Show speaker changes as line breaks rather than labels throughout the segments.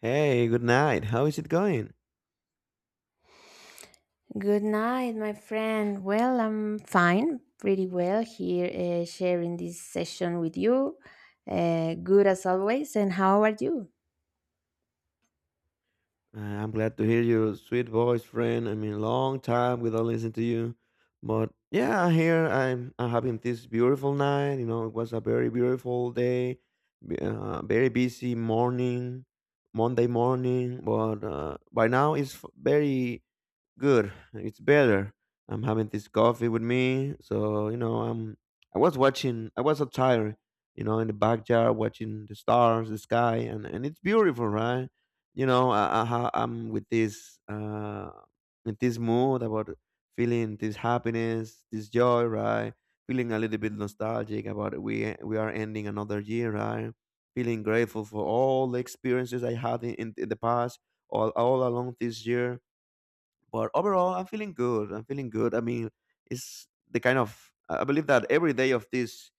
Hey, good night. How is it going?
Good night, my friend. Well, I'm fine, pretty well here, sharing this session with you. Good as always. And how are you?
I'm glad to hear your sweet voice, friend. I mean, long time without listening to you. But yeah, here I'm having this beautiful night. You know, it was a very beautiful day, very busy morning, Monday morning. But by now it's very good. It's better. I'm having this coffee with me. So, you know, I was outside, you know, in the backyard watching the stars, the sky and it's beautiful, right? You know, I'm with this mood about feeling this happiness, this joy, right? Feeling a little bit nostalgic about it. We are ending another year, right? Feeling grateful for all the experiences I had in the past all along this year, but overall, I'm feeling good. I'm feeling good. I mean, it's the kind of I believe that every day of this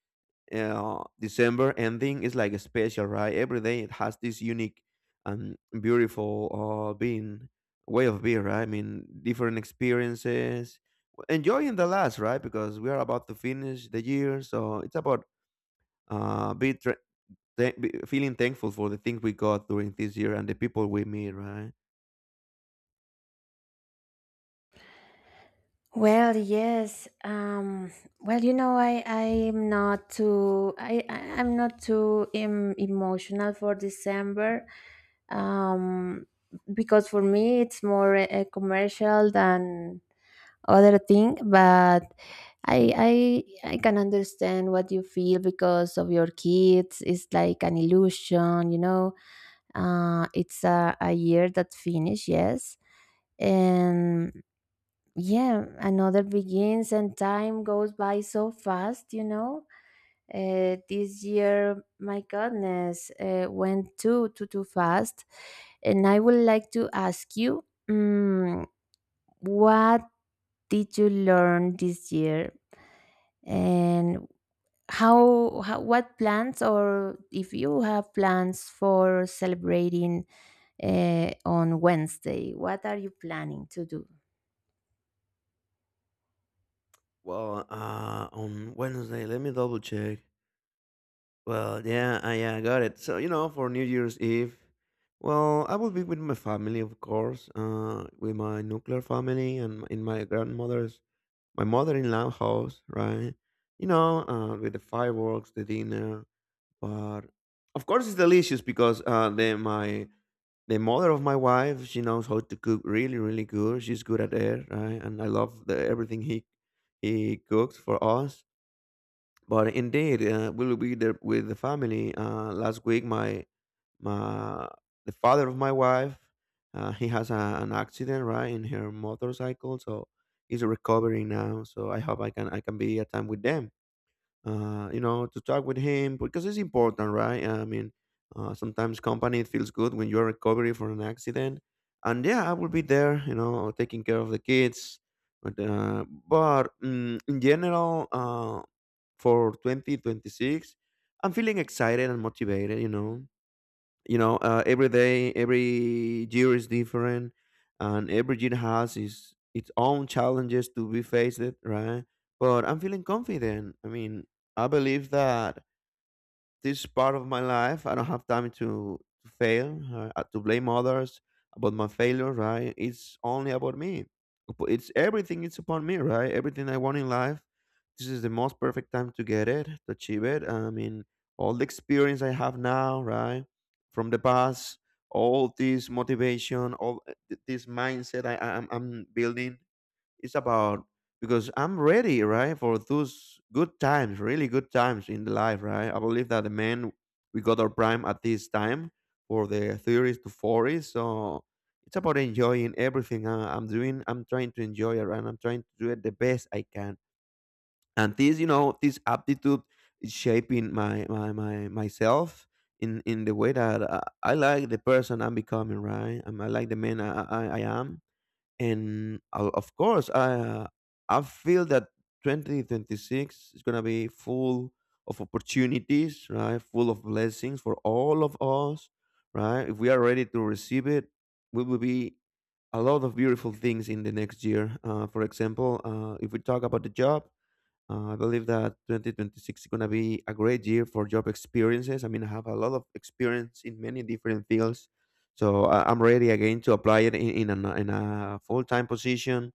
December ending is like a special, right? Every day it has this unique and beautiful being way of being, right? I mean, different experiences, enjoying the last, right? Because we are about to finish the year, so it's about uh, be, tra- be feeling thankful for the things we got during this year and the people we meet, right?
Well, yes. Well, you know, I'm not too I'm not too emotional for December. Um, because for me it's more a commercial than other thing, but I, I I can understand what you feel because of your kids. It's like an illusion, you know. It's a year that finish, yes, and yeah, another begins, and time goes by so fast, you know. This year, my goodness, went too fast, and I would like to ask you, um, what did you learn this year? And how what plans, or if you have plans for celebrating on Wednesday, what are you planning to do?
Well, on Wednesday, let me double check. Well, yeah, I got it. So, you know, for New Year's Eve, well, I will be with my family, of course, with my nuclear family and in my grandmother's, my mother-in-law house, right? You know, with the fireworks, the dinner, but of course it's delicious because the mother of my wife, she knows how to cook really, really good. She's good at it, right? And I love the everything he cooks for us. But indeed, we'll be there with the family. Last week, my the father of my wife, he has a, an accident right in her motorcycle, so he's recovering now. So I hope I can be at time with them. You know, to talk with him because it's important, right? I mean, sometimes company it feels good when you're recovering from an accident, and yeah, I will be there. You know, taking care of the kids. But, in general, for 2026. I'm feeling excited and motivated, you know. You know, every day, every year is different, and every year has its own challenges to be faced, right? But I'm feeling confident. I mean, I believe that this part of my life. I don't have time to fail, to blame others about my failure, right? It's only about me. It's everything, it's upon me, right? Everything I want in life, this is the most perfect time to get it, to achieve it. I mean, all the experience I have now, right? From the past, all this motivation, this mindset I'm building, it's about because I'm ready, right, for those good times, really good times in the life, right? I believe that the men we got our prime at this time for the theories to forties. So it's about enjoying everything I'm doing. I'm trying to enjoy it, right? I'm trying to do it the best I can. And this, you know, this aptitude is shaping my myself in the way that I like the person I'm becoming, right? And I like the man I am, and of course, I feel that 2026 is going to be full of opportunities, right? Full of blessings for all of us, right? If we are ready to receive it, we will be a lot of beautiful things in the next year. For example, if we talk about the job, I believe that 2026 is going to be a great year for job experiences. I mean, I have a lot of experience in many different fields, so I'm ready again to apply it in a full time position.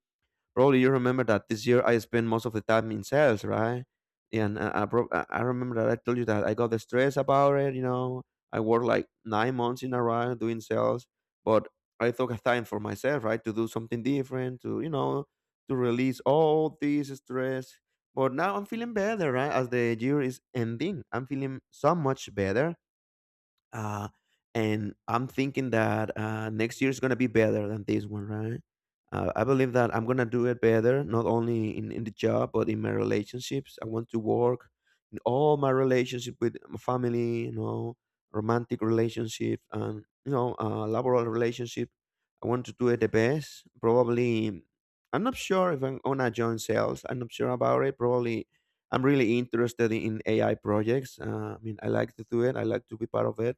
Probably you remember that this year I spent most of the time in sales, right? And I remember that I told you that I got the stress about it. You know, I worked like 9 months in a row doing sales, but I took a time for myself, right, to do something different, to you know, to release all this stress. But now I'm feeling better, right? As the year is ending, I'm feeling so much better, uh, and I'm thinking that next year is gonna be better than this one, right? I believe that I'm gonna do it better, not only in the job but in my relationships. I want to work in all my relationship with my family, you know, romantic relationship and you know, laboral relationship. I want to do it the best. Probably, I'm not sure if I'm gonna join sales. I'm not sure about it. Probably, I'm really interested in AI projects. I mean, I like to do it. I like to be part of it,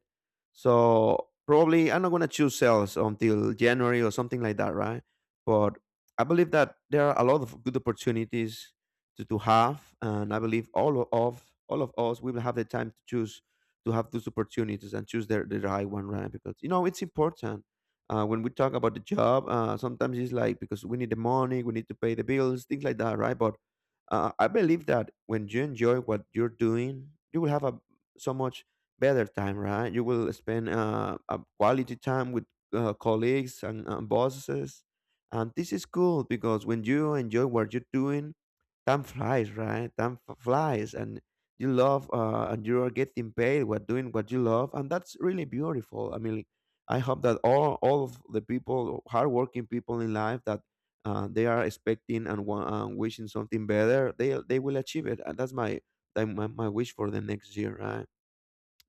so probably I'm not gonna choose sales until January or something like that, right? But I believe that there are a lot of good opportunities to have, and I believe all o- of all of us we will have the time to choose to have those opportunities and choose the right one, right? Because you know it's important. When we talk about the job, sometimes it's like because we need the money, we need to pay the bills, things like that, right? But I believe that when you enjoy what you're doing, you will have a so much better time, right? You will spend a quality time with colleagues and bosses, and this is cool because when you enjoy what you're doing, time flies, right? Flies, and you love and you are getting paid what doing what you love, and that's really beautiful. I mean, I hope that all of the people, hardworking people in life that they are expecting and wishing something better, they will achieve it, and that's my, that my wish for the next year, right?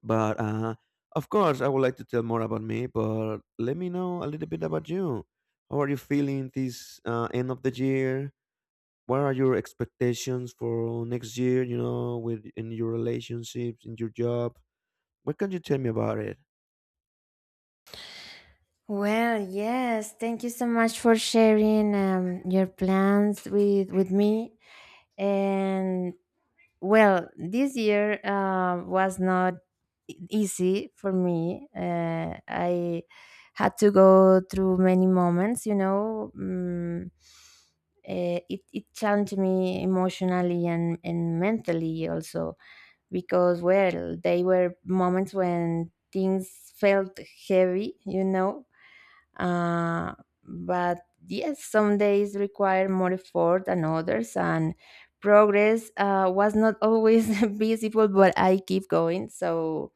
But of course, I would like to tell more about me, but let me know a little bit about you. How are you feeling this end of the year? What are your expectations for next year, you know, with in your relationships, in your job? What can you tell me about it?
Well, yes, thank you so much for sharing your plans with me. And, well, this year was not easy for me. I had to go through many moments, you know. It challenged me emotionally and mentally also, because, well, they were moments when things felt heavy, you know, uh, but yes, some days require more effort than others, and progress was not always visible, but I keep going. So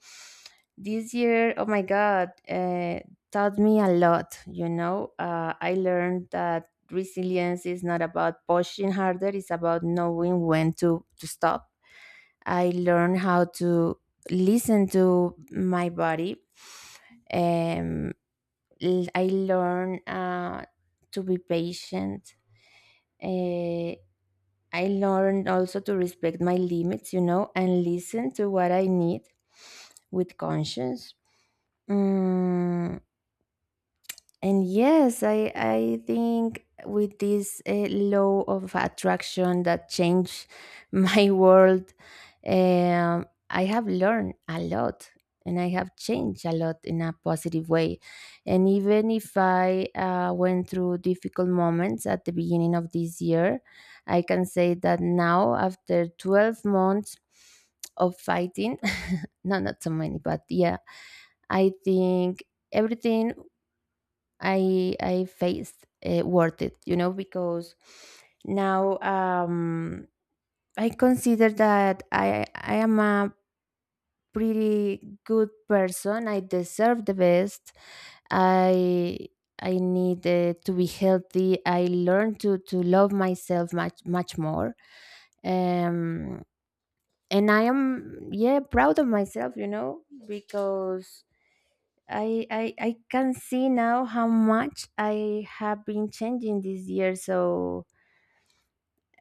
this year, oh my God, taught me a lot. You know, I learned that resilience is not about pushing harder, it's about knowing when to stop. I learned how to listen to my body. Um, I learned to be patient. Uh, I learned also to respect my limits, you know, and listen to what I need with conscience. Mm, and yes, I think with this law of attraction that changed my world, I have learned a lot, and I have changed a lot in a positive way. And even if I went through difficult moments at the beginning of this year, I can say that now after 12 months of fighting, no, not so many, but yeah, I think everything I faced worth it, you know, because now, I consider that I am a pretty good person. I deserve the best. I I need to be healthy. I learn to love myself much more. Um, and I am, yeah, proud of myself, you know, because I, I can see now how much I have been changing this year. So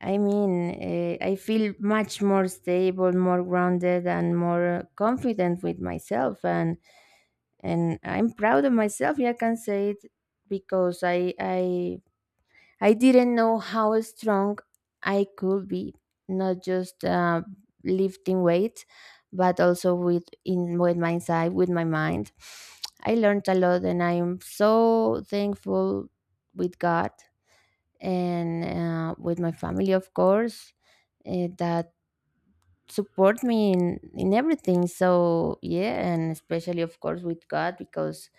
I mean, I feel much more stable, more grounded, and more confident with myself. And I'm proud of myself. Yeah, I can say it because I I didn't know how strong I could be, not just lifting weights, but also with my side, with my mind. I learned a lot, and I am so thankful with God and with my family, of course, that support me in everything. So yeah, and especially, of course, with God, because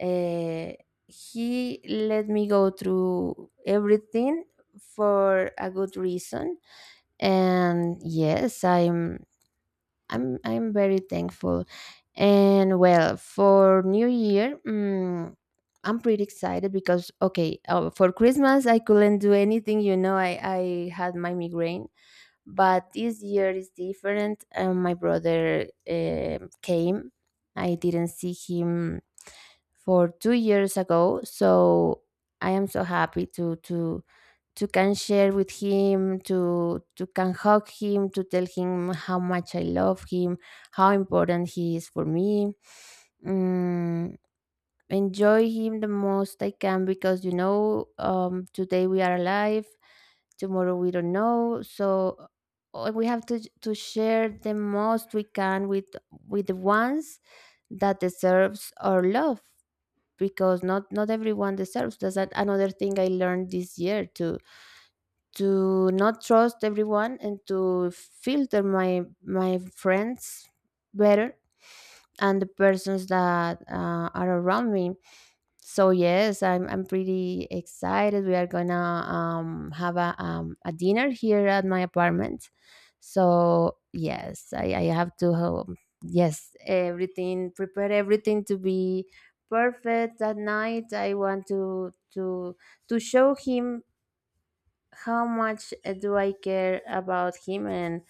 uh, he let me go through everything for a good reason. And yes, I'm very thankful. And well, for New Year, I'm pretty excited because, okay, for Christmas I couldn't do anything, you know, I had my migraine, but this year is different, and my brother came. I didn't see him for 2 years ago, so I am so happy to can share with him, to can hug him, to tell him how much I love him, how important he is for me. Mm, Enjoy him the most I can, because, you know, today we are alive, tomorrow we don't know, so we have to share the most we can with the ones that deserves our love. Because not everyone deserves. That's another thing I learned this year, to not trust everyone and to filter my friends better, and the persons that are around me. So yes, I'm pretty excited. We are gonna have a dinner here at my apartment. So yes, I have to, yes everything, prepare everything to be perfect that night. I want to show him how much, do I care about him. and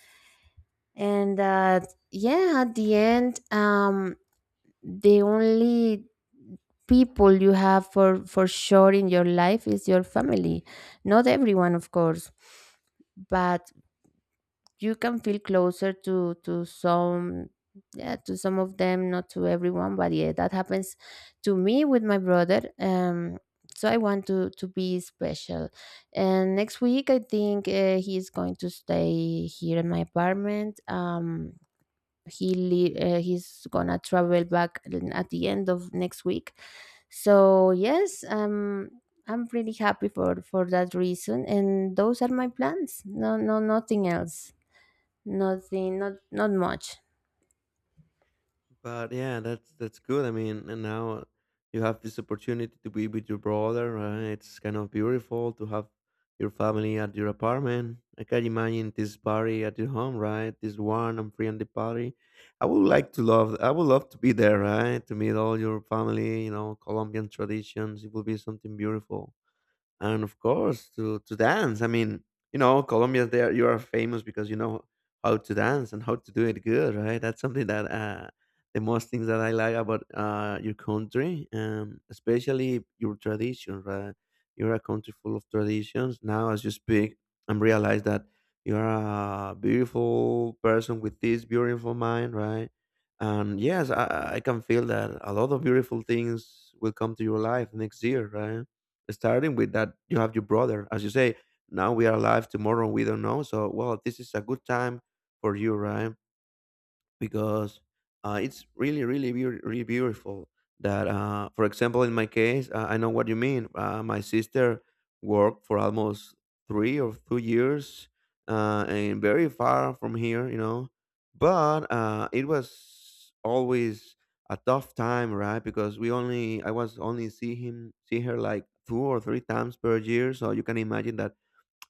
and that, yeah, at the end, the only people you have for sure in your life is your family. Not everyone, of course, but you can feel closer to some, yeah, to some of them, not to everyone, but yeah, that happens to me with my brother. So I want to be special. And next week, I think, he is going to stay here in my apartment. He's gonna travel back at the end of next week. So yes, I'm pretty happy for that reason, and those are my plans. No, Nothing else. Nothing, not much.
But yeah, that's good. I mean, and now you have this opportunity to be with your brother, right? It's kind of beautiful to have your family at your apartment. I can imagine this party at your home, right? This one, and friendly party. I would like to love. I would love to be there, right? To meet all your family. You know, Colombian traditions. It will be something beautiful, and of course to dance. I mean, you know, Colombia, there you are famous because you know how to dance and how to do it good, right? That's something that the most things that I like about your country, especially your tradition, right? You're a country full of traditions. Now, as you speak, I'm realize that you're a beautiful person with this beautiful mind, right? And yes, I can feel that a lot of beautiful things will come to your life next year, right? Starting with that you have your brother, as you say, now we are alive, tomorrow we don't know, so well, this is a good time for you, right? Because it's really, really, really beautiful. That, for example, in my case, I know what you mean. My sister worked for almost 3 or 2 years, and very far from here, you know. But it was always a tough time, right? Because we only, I was only see him, see her like 2 or 3 times per year. So you can imagine that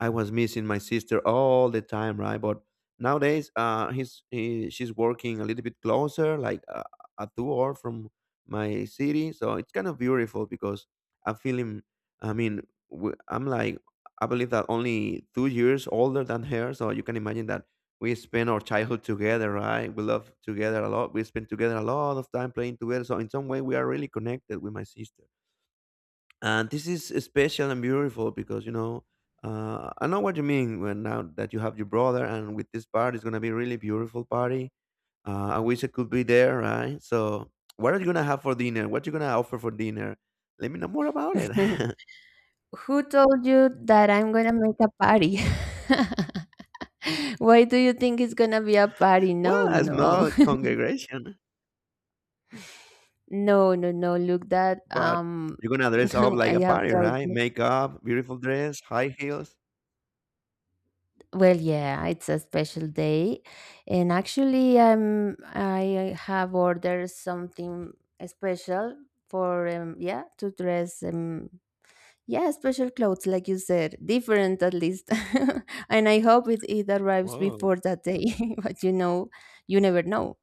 I was missing my sister all the time, right? But nowadays, she's working a little bit closer, like a 2 hour from my city. So it's kind of beautiful because I feel him. I mean, I'm like I believe that only 2 years older than her. So you can imagine that we spend our childhood together, right? We love together a lot. We spend together a lot of time playing together. So in some way, we are really connected with my sister, and this is special and beautiful because I know what you mean when now that you have your brother, and with this party it's gonna be really beautiful party. I wish I could be there, right? So what are you gonna have for dinner? What you gonna offer for dinner? Let me know more about it.
Who told you that I'm gonna make a party? Why do you think it's gonna be a party? No,
Well,
no,
a
no,
small congregation,
no, no, no. Look, that,
but you're gonna dress up
no,
like
I
a
have
party,
told
right?
you.
Makeup, beautiful dress, high heels.
Well, yeah, it's a special day, and actually, I have ordered something special for, yeah, to dress, yeah special clothes, like you said, different at least, and I hope it arrives
Whoa,
before that day. But you know, you never know.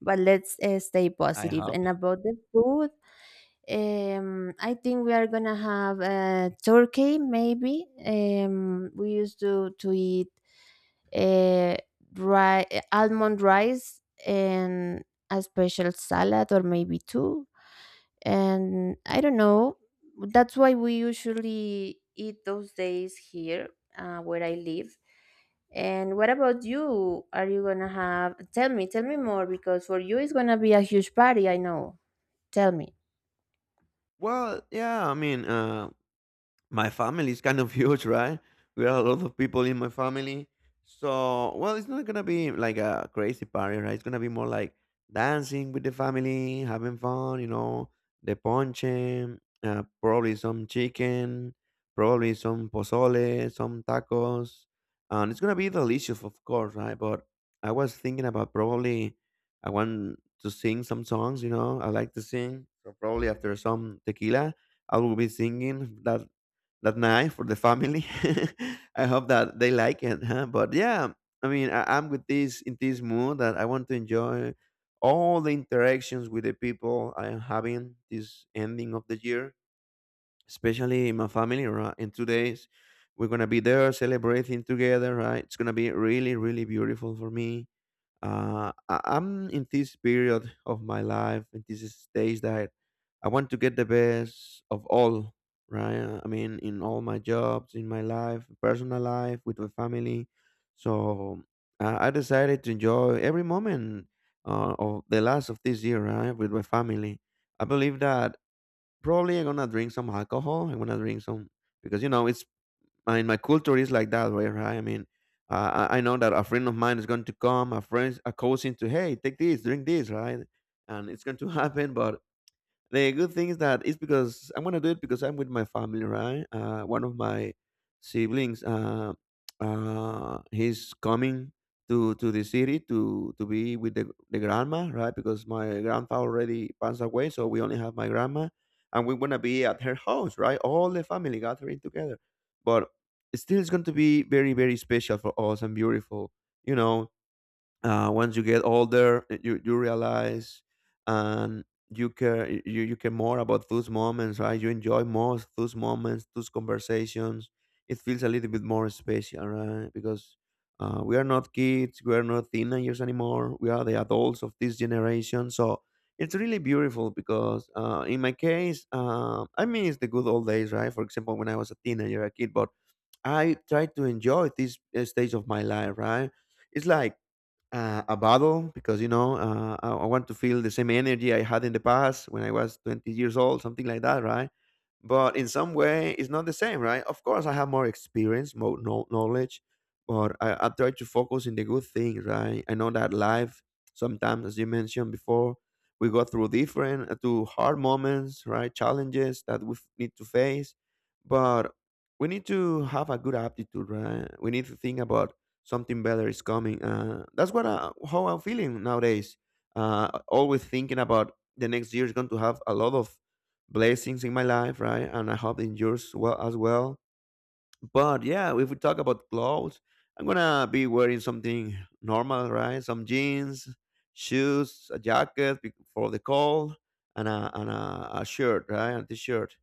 But let's stay
I
positive.
hope.
And about the food, I think we are gonna have, turkey. Maybe, we used to eat, uh, almond rice and a special salad, or maybe two. And I don't know. That's why we usually eat those days here, where I live. And what about you? Are you gonna have? Tell me more, because for you it's gonna be a huge party. I know. Tell me.
Well, yeah, I mean, my family is kind of huge, right? We are a lot of people in my family. So, well, it's not gonna be like a crazy party, right? It's gonna be more like dancing with the family, having fun, you know, the ponche, probably some chicken, probably some pozole, some tacos. And it's gonna be delicious, of course, right? But I was thinking about probably I want to sing some songs, you know, I like to sing. So, probably after some tequila, I will be singing that night for the family. I hope that they like it. Huh? But yeah, I mean, I'm with this in this mood that I want to enjoy all the interactions with the people I am having this ending of the year, especially in my family. Right, in 2 days, we're gonna be there celebrating together. Right, it's gonna be really, really beautiful for me. I'm in this period of my life, in this stage that I want to get the best of all, right? I mean, in all my jobs, in my life, personal life, with my family. So I decided to enjoy every moment of the last of this year, right, with my family. I believe that probably I'm gonna drink some alcohol. I'm gonna drink some because you know it's and my culture is like that, right? I mean, I know that a friend of mine is going to come, a friend, a cousin to, hey, take this, drink this, right? And it's going to happen, but the good thing is that it's because I'm gonna do it because I'm with my family, right? One of my siblings, he's coming to the city to be with the grandma, right? Because my grandpa already passed away, so we only have my grandma, and we're gonna be at her house, right? All the family gathering together, but still, it's going to be very very special for us and beautiful, you know, once you get older you realize and you care more about those moments, right? You enjoy more those moments, those conversations. It feels a little bit more special, right? Because we are not kids, we are not teenagers anymore, we are the adults of this generation. So it's really beautiful because in my case, I miss the good old days, right? For example, when I was a teenager, a kid. But I try to enjoy this stage of my life, right? It's like a battle because you know, I want to feel the same energy I had in the past when I was 20 years old, something like that, right? But in some way it's not the same, right? Of course I have more experience, more knowledge, but I try to focus in the good things, right? I know that life sometimes, as you mentioned before, we go through different to hard moments, right? Challenges that we need to face. But we need to have a good aptitude, right? We need to think about something better is coming. That's what how I'm feeling nowadays. Always thinking about the next year is going to have a lot of blessings in my life, right? And I hope in yours well as well. But yeah, if we talk about clothes, I'm gonna be wearing something normal, right? Some jeans, shoes, a jacket for the cold, and a shirt, right? A t-shirt.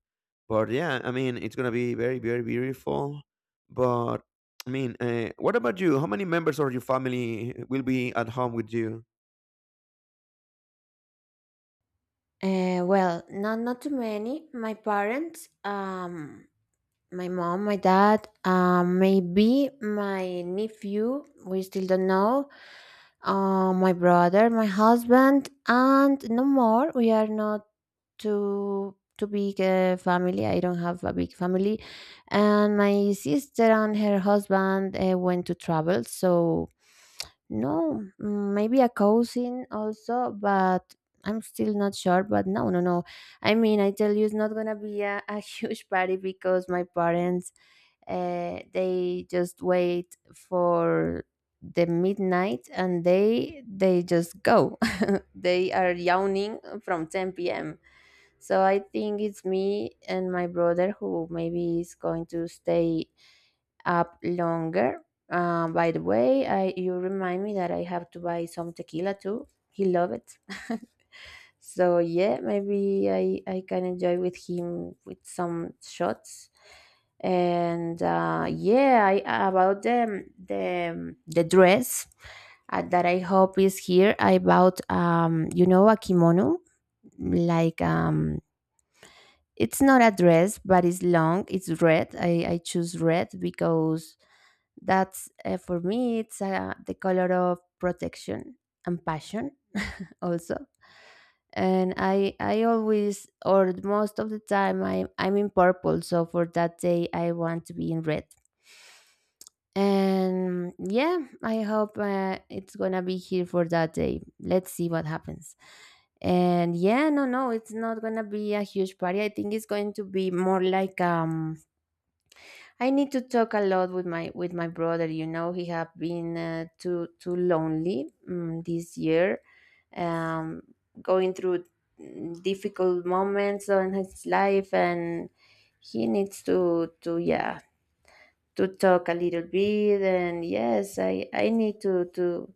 But yeah, I mean, it's gonna be very very beautiful. But I mean, what about you? How many members of your family will be at home with you?
Well, not too many. My parents, My mom, my dad, maybe my nephew, we still don't know, my brother, my husband, and no more. We are not too big a family. I don't have a big family. And my sister and her husband went to travel. So no, maybe a cousin also, but I'm still not sure. But no, no, no. I mean, I tell you, it's not gonna be a huge party, because my parents, they just wait for the midnight, and they just go. They are yawning from 10 p.m., so I think it's me and my brother who maybe is going to stay up longer. By the way, I you remind me that I have to buy some tequila too. He love it. So yeah, maybe I can enjoy with him with some shots. And yeah, I, about the dress, that I hope is here. I bought, you know, a kimono, like, it's not a dress, but it's long. It's red. I choose red because that's, for me, it's the color of protection and passion also. And I always, or most of the time, I'm in purple, so for that day I want to be in red. And yeah, I hope it's gonna be here for that day. Let's see what happens. And yeah, no, no, it's not gonna be a huge party. I think it's going to be more like, I need to talk a lot with my brother. You know, he have been, too lonely, this year, um, going through, difficult moments in his life, and he needs to yeah to talk a little bit. And yes, I need to to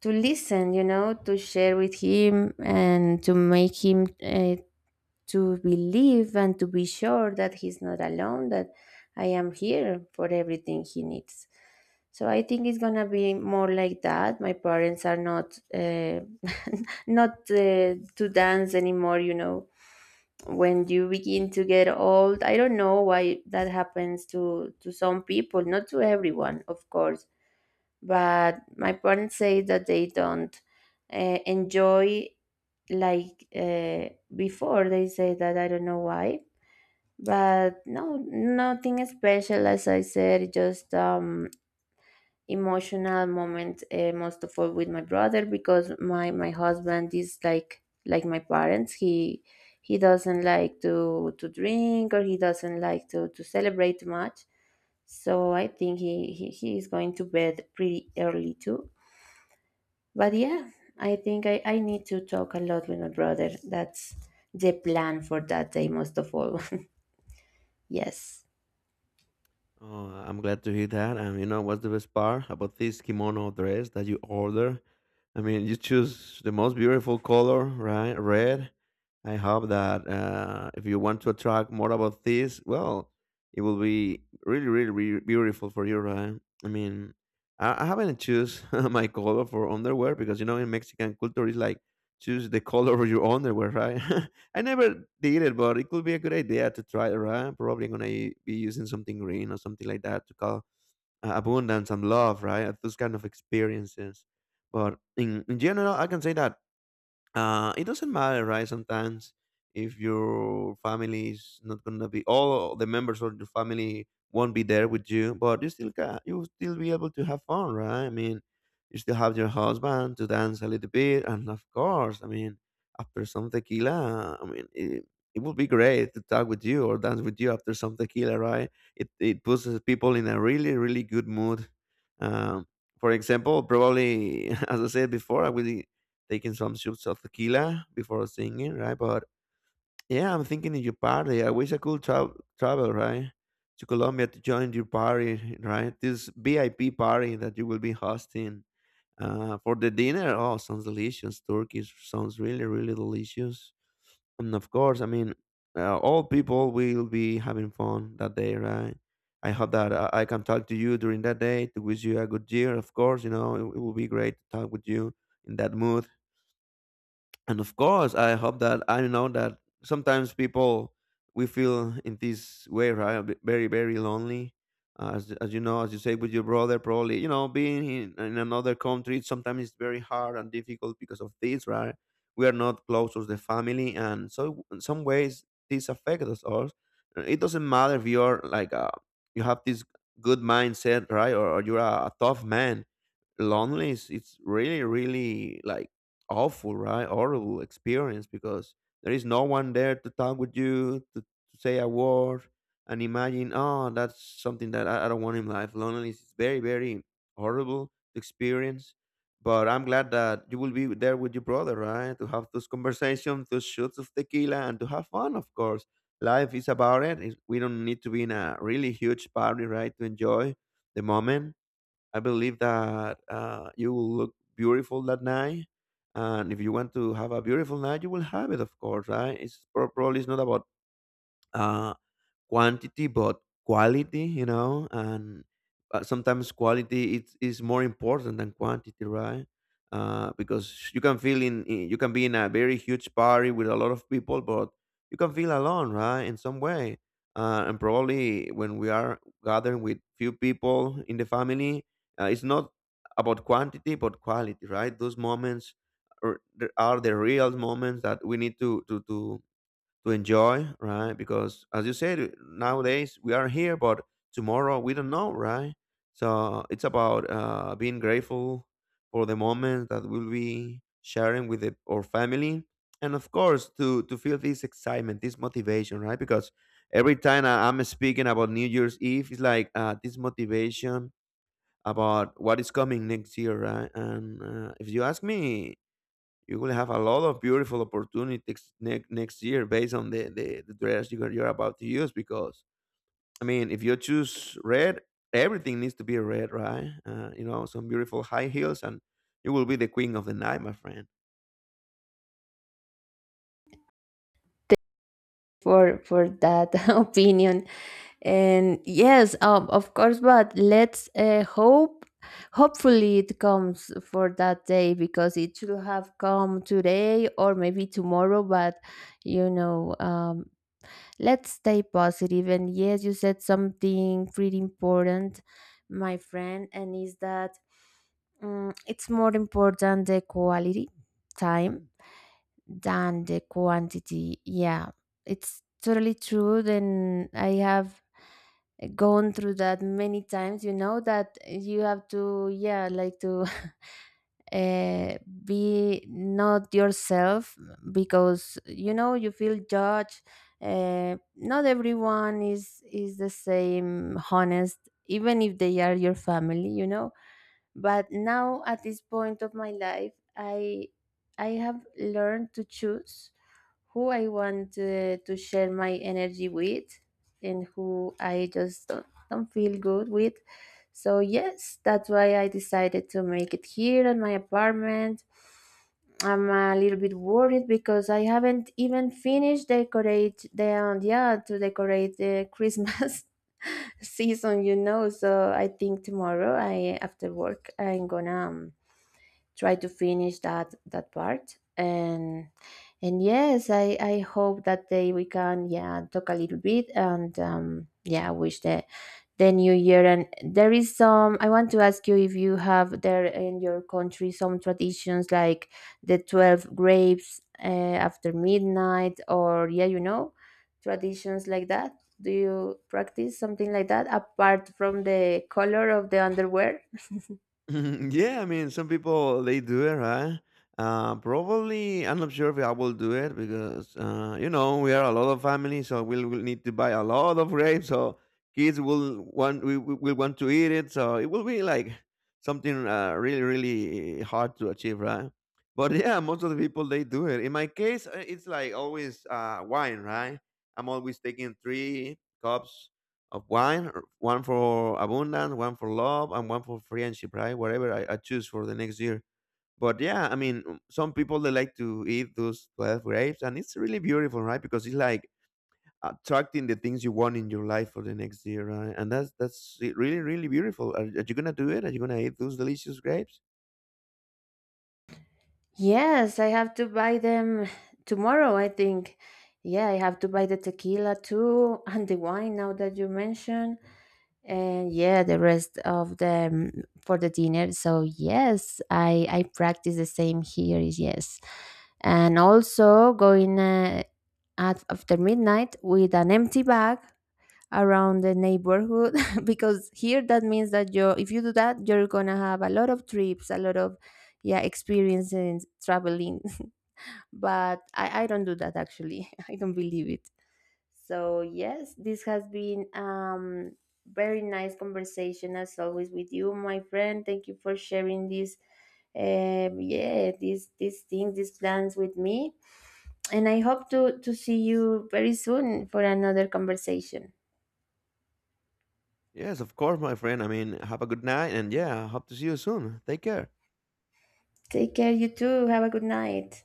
to listen. You know, to share with him and to make him, to believe and to be sure that he's not alone, that I am here for everything he needs. So I think it's gonna be more like that. My parents are not, not, to dance anymore. You know, when you begin to get old, I don't know why that happens to some people, not to everyone, of course, but my parents say that they don't, enjoy like, before, they say. That, I don't know why, but no, nothing special, as I said, just, emotional moment, most of all with my brother, because my husband is like my parents. He doesn't like to drink, or he doesn't like to celebrate much, so I think he is going to bed pretty early too. But yeah, I think I need to talk a lot with my brother. That's the plan for that day, most of all. Yes,
Oh, I'm glad to hear that. And you know what's the best part about this kimono dress that you order? I mean, you choose the most beautiful color, right? Red. I hope that if you want to attract more about this, well, it will be really, really, really beautiful for you, right? I mean, I haven't choose my color for underwear because you know in Mexican culture it's like choose the color of your underwear, right? I never did it, but it could be a good idea to try it, right? Probably gonna be using something green or something like that to call abundance and love, right? Those kind of experiences. But in general, I can say that it doesn't matter, right? Sometimes if your family is not gonna be all the members of your family won't be there with you, but you will still be able to have fun, right? I mean, you still have your husband to dance a little bit, and of course, I mean, after some tequila, I mean. It would be great to talk with you or dance with you after some tequila, right? It puts people in a really really good mood. Um, for example, probably as I said before, I will taking some shots of tequila before singing, right? But yeah, I'm thinking in your party. I wish I could travel, right, to Colombia to join your party, right? This VIP party that you will be hosting for the dinner. Oh, sounds delicious. Turkey sounds really, really delicious. And of course, I mean, all people will be having fun that day, right? I hope that I can talk to you during that day to wish you a good year. Of course, you know, it will be great to talk with you in that mood, and of course I hope that I know that sometimes people we feel in this way, right? Very very lonely. As you know, as you say with your brother, probably you know being in another country sometimes it's very hard and difficult because of this, right? We are not close to the family, and so in some ways this affects us all. It doesn't matter if you're like you have this good mindset, right? Or you're a tough man, lonely is it's really really like awful, right? Horrible experience because there is no one there to talk with you to say a word, and imagine, oh, that's something that I don't want in life. Loneliness is very very horrible experience. But I'm glad that you will be there with your brother, right? To have those conversations, those shots of tequila, and to have fun, of course. Life is about it. We don't need to be in a really huge party, right? To enjoy the moment. I believe that you will look beautiful that night. And if you want to have a beautiful night, you will have it, of course, right? It's probably it's not about uh, quantity but quality, you know. And sometimes is more important than quantity, right? Uh, because you can feel you can be in a very huge party with a lot of people, but you can feel alone, right? In some way. Uh, and probably when we are gathering with few people in the family, it's not about quantity but quality, right? Those moments are, are the real moments that we need to enjoy, right? Because as you said, nowadays we are here, but tomorrow we don't know, right? So it's about being grateful for the moment that we'll be sharing with our family, and of course to feel this excitement, this motivation, right? Because every time I'm speaking about New Year's Eve, it's like this motivation about what is coming next year, right? And if you ask me, you will have a lot of beautiful opportunities next year based on the dress you're about to use. Because I mean, if you choose red, everything needs to be red, right? Uh, you know, some beautiful high heels, and you will be the queen of the night, my friend.
for that opinion, and yes, of course. But let's, hope. Hopefully it comes for that day, because it should have come today or maybe tomorrow. But you know, let's stay positive. And yes, you said something pretty important, my friend, and is that, it's more important the quality time than the quantity. Yeah, it's totally true. Then I have gone through that many times, you know, that you have to, yeah, like to uh, be not yourself, because you know you feel judged. Not everyone is the same honest, even if they are your family, you know. But now at this point of my life, I have learned to choose who I want, to share my energy with, and who I just don't feel good with. So yes, that's why I decided to make it here in my apartment. I'm a little bit worried because I haven't even finished decorate the, yeah, to decorate the Christmas season, you know. So I think tomorrow, I, after work, I'm gonna, try to finish that part. And yes, I hope that day we can, yeah, talk a little bit, and, yeah, wish the new year. And there is some, I want to ask you if you have there in your country some traditions like the 12 grapes, after midnight, or yeah, you know, traditions like that. Do you practice something like that, apart from the color of the underwear?
Yeah, I mean, some people they do it, right? Probably, I'm not sure if I will do it because you know we are a lot of family, so we'll need to buy a lot of grapes. So kids will want we- will want to eat it. So it will be like something really really hard to achieve, right? But yeah, most of the people they do it. In my case, it's like always wine, right? I'm always taking 3 cups of wine, or one for abundance, one for love, and one for friendship, right? Whatever I choose for the next year. But yeah, I mean, some people they like to eat those 12 grapes, and it's really beautiful, right? Because it's like attracting the things you want in your life for the next year, right? And that's it really, really beautiful. Are you gonna do it? Are you gonna eat those delicious grapes?
Yes, I have to buy them tomorrow, I think. Yeah, I have to buy the tequila too, and the wine, now that you mentioned. And yeah, the rest of them for the dinner. So yes, I practice the same here, yes. And also going, at after midnight with an empty bag around the neighborhood, because here that means that you, if you do that, you're gonna have a lot of trips, a lot of, yeah, experiences traveling. But I don't do that, actually. I don't believe it. So yes, this has been, very nice conversation as always with you, my friend. Thank you for sharing this, yeah, these things, these plans with me. And I hope to see you very soon for another conversation.
Yes, of course, my friend. I mean, have a good night, and yeah, hope to see you soon. Take care.
Take care, you too. Have a good night.